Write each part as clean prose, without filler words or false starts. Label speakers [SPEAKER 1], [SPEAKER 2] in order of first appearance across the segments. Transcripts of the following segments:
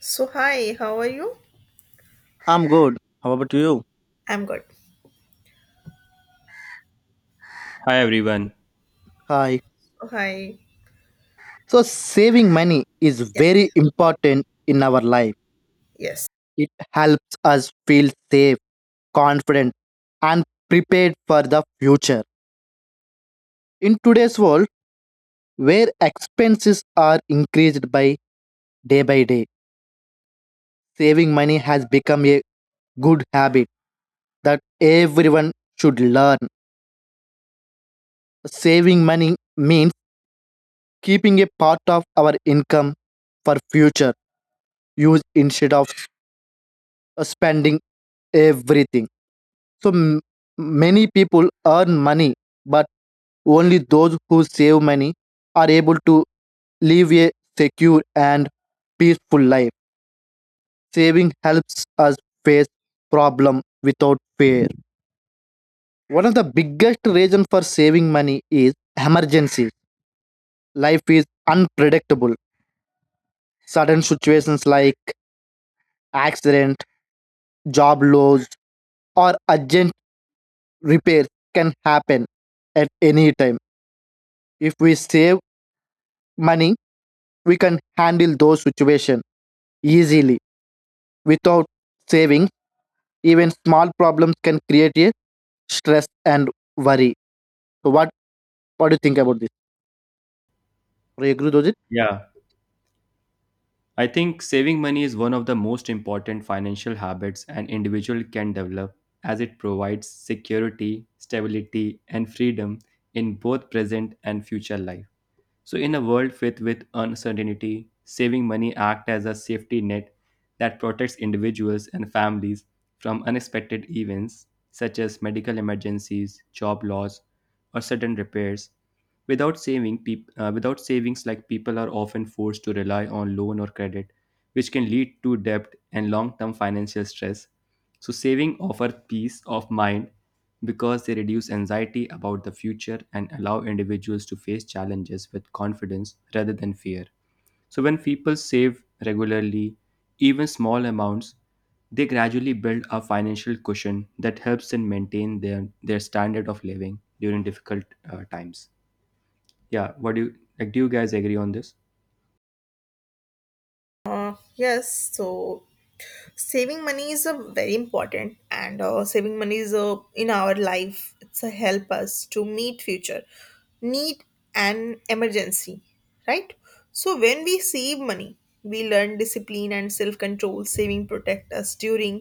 [SPEAKER 1] So hi, how are you?
[SPEAKER 2] I'm good. How about you?
[SPEAKER 1] I'm good.
[SPEAKER 3] Hi everyone.
[SPEAKER 2] Hi.
[SPEAKER 1] Oh, hi.
[SPEAKER 2] So saving money is very
[SPEAKER 1] Yes.
[SPEAKER 2] important in our life.
[SPEAKER 1] Yes.
[SPEAKER 2] It helps us feel safe, confident, and prepared for the future. In today's world, where expenses are increased by day, saving money has become a good habit that everyone should learn. Saving money means keeping a part of our income for future use instead of spending everything. So m- Many people earn money, but only those who save money are able to live a secure and peaceful life. Saving helps us face problem without fear. One of the biggest reason for saving money is emergencies. Life is unpredictable. Sudden situations like accident, job loss, or urgent repairs can happen at any time. If we save money, we can handle those situations easily without saving. Even small problems can create a stress and worry. So what do you think about this? Do you agree with it?
[SPEAKER 3] Yeah, I think saving money is one of the most important financial habits an individual can develop as it provides security, stability, and freedom in both present and future life. So in a world filled with uncertainty, saving money acts as a safety net that protects individuals and families from unexpected events such as medical emergencies, job loss, or sudden repairs. Without savings, like, people are often forced to rely on loan or credit, which can lead to debt and long-term financial stress. So saving offer peace of mind because they reduce anxiety about the future and allow individuals to face challenges with confidence rather than fear. So when people save regularly, even small amounts, they gradually build a financial cushion that helps them maintain their standard of living during difficult times. Yeah, what do you like, do you guys agree on this?
[SPEAKER 1] Yes. So saving money is a very important, and saving money is a in our life. It's a help us to meet future need and emergency, right? So when we save money, we learn discipline and self control. Saving protect us during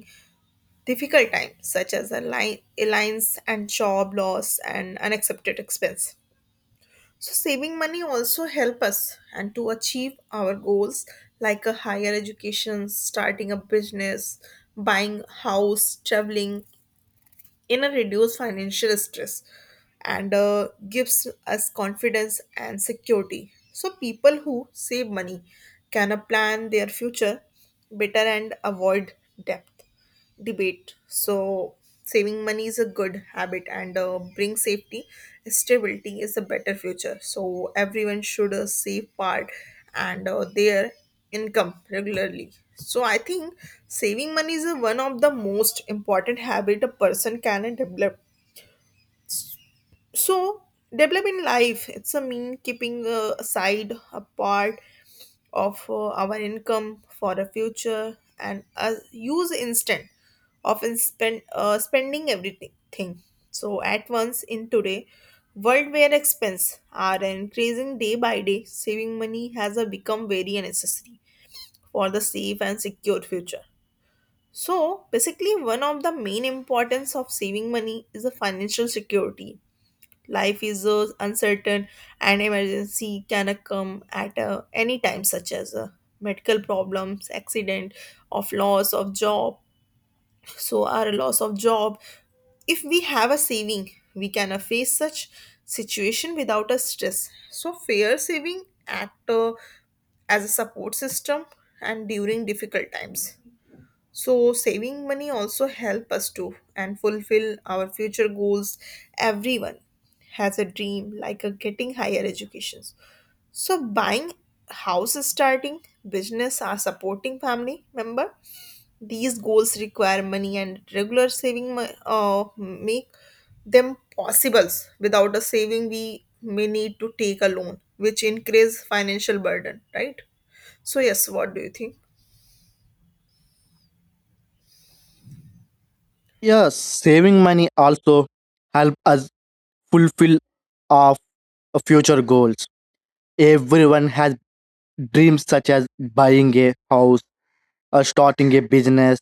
[SPEAKER 1] difficult times such as a line, alliance and job loss and unaccepted expense. So saving money also help us and to achieve our goals like a higher education, starting a business, buying house, traveling in a reduced financial stress and gives us confidence and security. So people who save money can plan their future better and avoid debt debate. So, saving money is a good habit and brings safety. Stability is a better future. So, everyone should save part and their income regularly. So, I think saving money is one of the most important habit a person can develop so, developing life, it's a mean keeping aside a part of our income for the future and use instant, often spending everything. So, at once in today world where expense are increasing day by day, saving money has become very necessary for the safe and secure future. So, basically, one of the main importance of saving money is the financial security. Life is so uncertain, and emergency can come at any time, such as medical problems, accident, of loss of job. So our loss of job, if we have a saving, we can face such situation without a stress. So fair saving act as a support system and during difficult times so saving money also help us to and fulfill our future goals. Everyone has a dream like a getting higher educations. So buying house starting business or supporting family member, these goals require money and regular saving make them possible without a saving. We may need to take a loan which increase financial burden, right? So yes, what do you think?
[SPEAKER 2] Yes, saving money also help us fulfill our future goals. Everyone has dreams such as buying a house or starting a business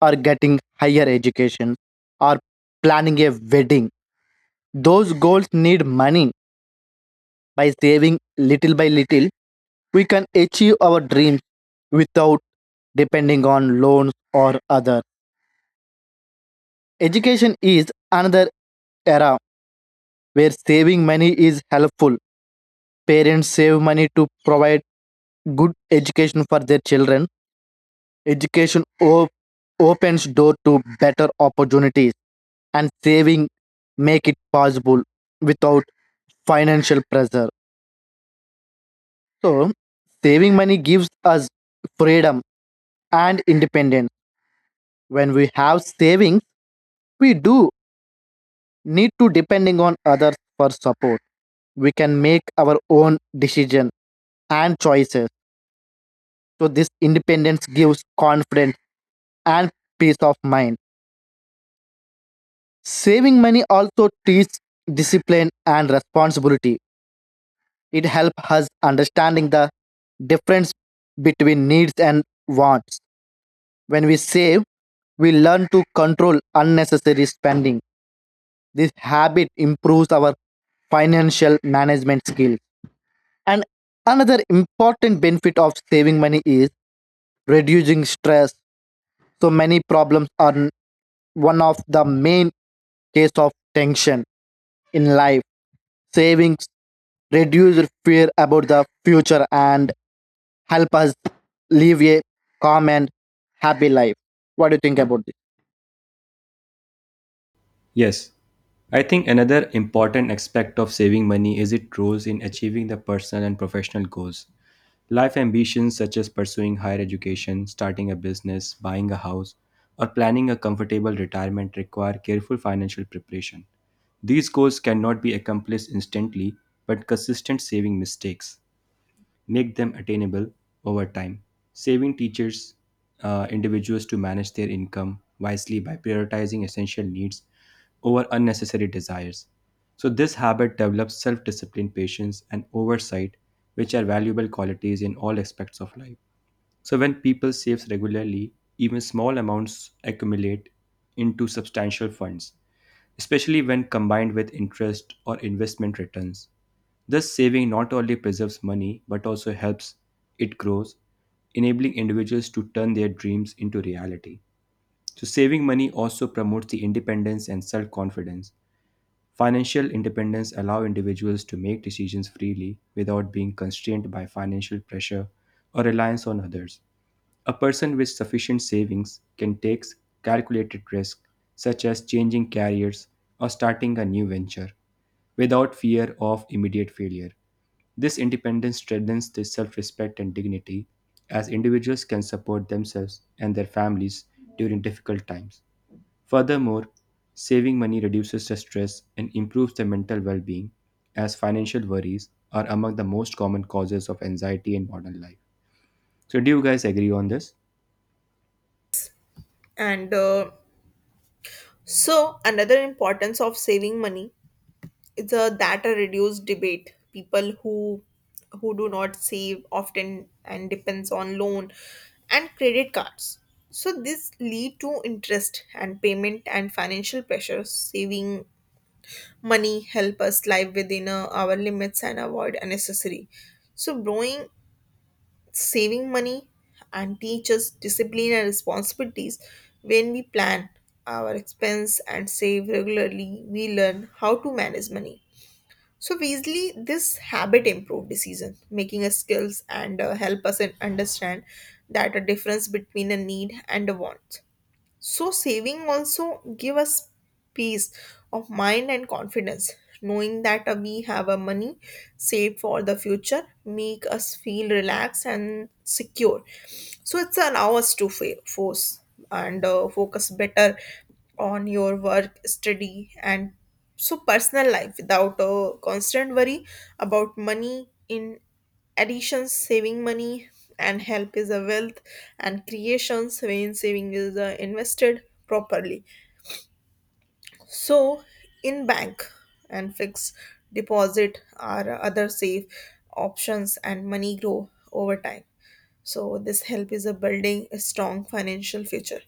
[SPEAKER 2] or getting higher education or planning a wedding. Those goals need money. By saving little by little, we can achieve our dreams without depending on loans or other. Education is another era where saving money is helpful. Parents save money to provide good education for their children. Education op- Opens door to better opportunities and saving make it possible without financial pressure. So, saving money gives us freedom and independence. When we have savings, we do need to depending on others for support. We can make our own decision and choices. So this independence gives confidence and peace of mind. Saving money also teaches discipline and responsibility. It helps us understanding the difference between needs and wants. When we save, we learn to control unnecessary spending. This habit improves our financial management skill. And another important benefit of saving money is reducing stress. So many problems are n- One of the main case of tension in life. Savings reduce fear about the future and help us live a calm and happy life. What do you think about this?
[SPEAKER 3] Yes, I think another important aspect of saving money is its roles in achieving the personal and professional goals. Life ambitions such as pursuing higher education, starting a business, buying a house, or planning a comfortable retirement require careful financial preparation. These goals cannot be accomplished instantly, but consistent saving mistakes make them attainable over time. Saving teachers individuals to manage their income wisely by prioritizing essential needs over unnecessary desires. So, this habit develops self discipline, patience, and oversight, which are valuable qualities in all aspects of life. So, when people save regularly, even small amounts accumulate into substantial funds, especially when combined with interest or investment returns. Thus, saving not only preserves money but also helps it grows, enabling individuals to turn their dreams into reality. So, saving money also promotes the independence and self confidence. Financial independence allows individuals to make decisions freely without being constrained by financial pressure or reliance on others. A person with sufficient savings can take calculated risks, such as changing careers or starting a new venture, without fear of immediate failure. This independence strengthens their self respect and dignity, as individuals can support themselves and their families during difficult times. Furthermore, saving money reduces the stress and improves their mental well being, as financial worries are among the most common causes of anxiety in modern life. So, do you guys agree on this?
[SPEAKER 1] And uh, So another importance of saving money is a, that a reduced debate. People who do not save often and depends on loan and credit cards. So this lead to interest and payment and financial pressures. Saving money help us live within our limits and avoid unnecessary. So borrowing saving money and teach us discipline and responsibilities. When we plan our expense and save regularly, we learn how to manage money. So Weasley, this habit improve decision making us skills and help us in understand that a difference between a need and a want. So saving also give us peace of mind and confidence. Knowing that we have a money saved for the future make us feel relaxed and secure. So it's allow us to force and focus better on your work, study, and so personal life without a constant worry about money in additions saving money and help is a wealth and creations when saving is invested properly so in bank and fixed deposit are other safe options and money grow over time so this help is a building a strong financial future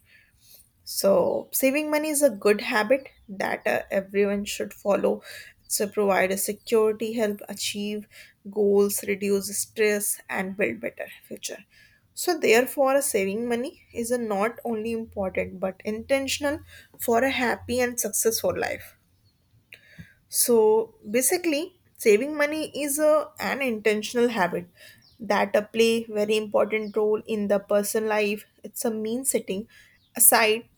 [SPEAKER 1] so, saving money is a good habit that everyone should follow. It's to provide a security, help achieve goals, reduce stress, and build better future. So, therefore, saving money is a not only important but intentional for a happy and successful life. So, basically, saving money is a, an intentional habit that play very important role in the person life. It's a mean setting aside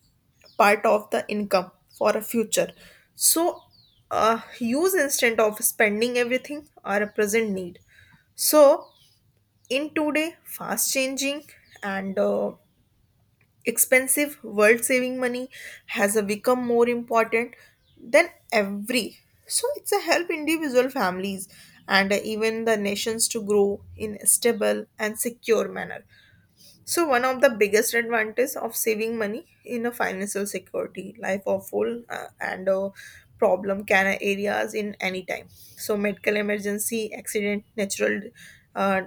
[SPEAKER 1] part of the income for a future. So, use instead of spending everything are a present need. So, in today, fast changing and expensive world saving money has become more important than every. So, it's a help individual families and even the nations to grow in a stable and secure manner. So one of the biggest advantage of saving money in a financial security, life or full and a problem can areas in any time. So medical emergency, accident, natural uh,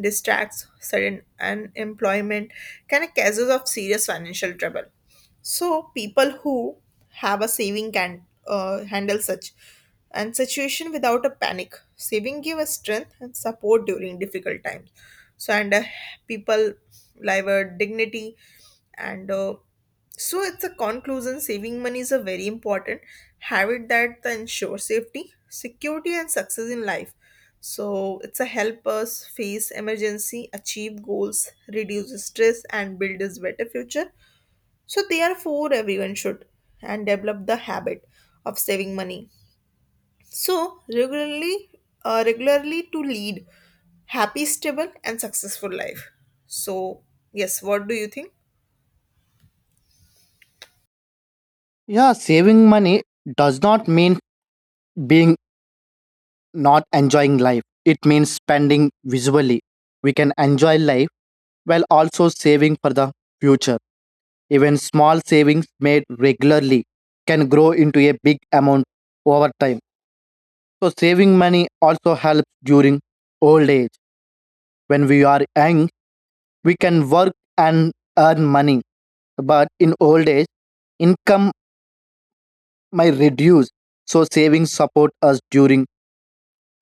[SPEAKER 1] distracts, sudden unemployment can a causes of serious financial trouble. So people who have a saving can handle such and situation without a panic. Saving give us strength and support during difficult times so and people live a dignity and so it's a conclusion saving money is a very important habit that ensure safety security and success in life so it's a help us face emergency achieve goals reduce stress and build a better future so therefore everyone should and develop the habit of saving money so regularly to lead happy, stable, and successful life. So yes, what do you think?
[SPEAKER 2] Yeah, saving money does not mean being not enjoying life. It means spending visually. We can enjoy life while also saving for the future. Even small savings made regularly can grow into a big amount over time. So, saving money also helps during old age. When we are young, we can work and earn money, but in old age, income might reduce. So, savings support us during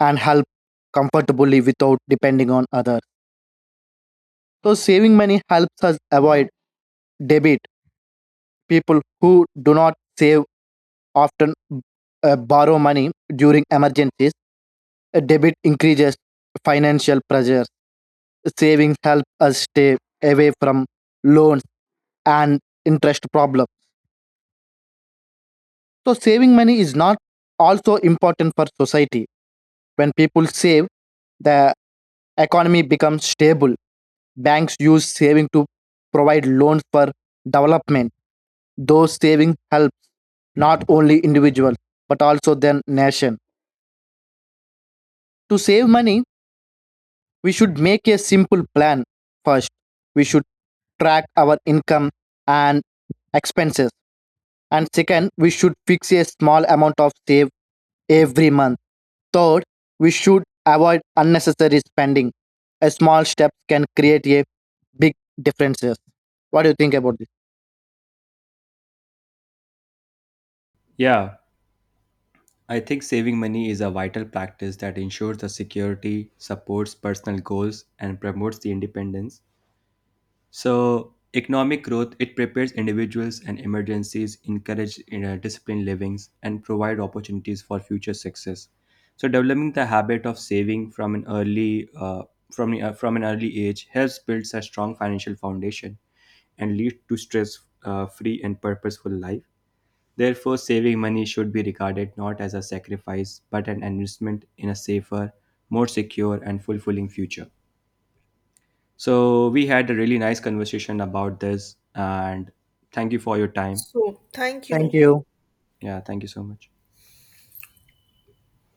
[SPEAKER 2] and help comfortably without depending on others. So, saving money helps us avoid debit. People who do not save often borrow money during emergencies. A debit increases financial pressures. Savings help us stay away from loans and interest problems. So saving money is not also important for society. When people save, the economy becomes stable. Banks use saving to provide loans for development. Those saving help not only individuals but also then nation. To save money, we should make a simple plan first. We should track our income and expenses. And second, we should fix a small amount of save every month. Third, we should avoid unnecessary spending. A small step can create a big differences. What do you think about this?
[SPEAKER 3] Yeah, I think saving money is a vital practice that ensures the security, supports personal goals, and promotes the independence. So economic growth, it prepares individuals and emergencies, encourage disciplined livings, and provide opportunities for future success. So developing the habit of saving from an early age helps build a strong financial foundation and lead to stress free and purposeful life. Therefore, saving money should be regarded not as a sacrifice but an investment in a safer, more secure, and fulfilling future. So we had a really nice conversation about this, and thank you for your time.
[SPEAKER 1] So thank
[SPEAKER 2] Thank
[SPEAKER 1] you.
[SPEAKER 2] you.
[SPEAKER 3] Yeah, thank you so much.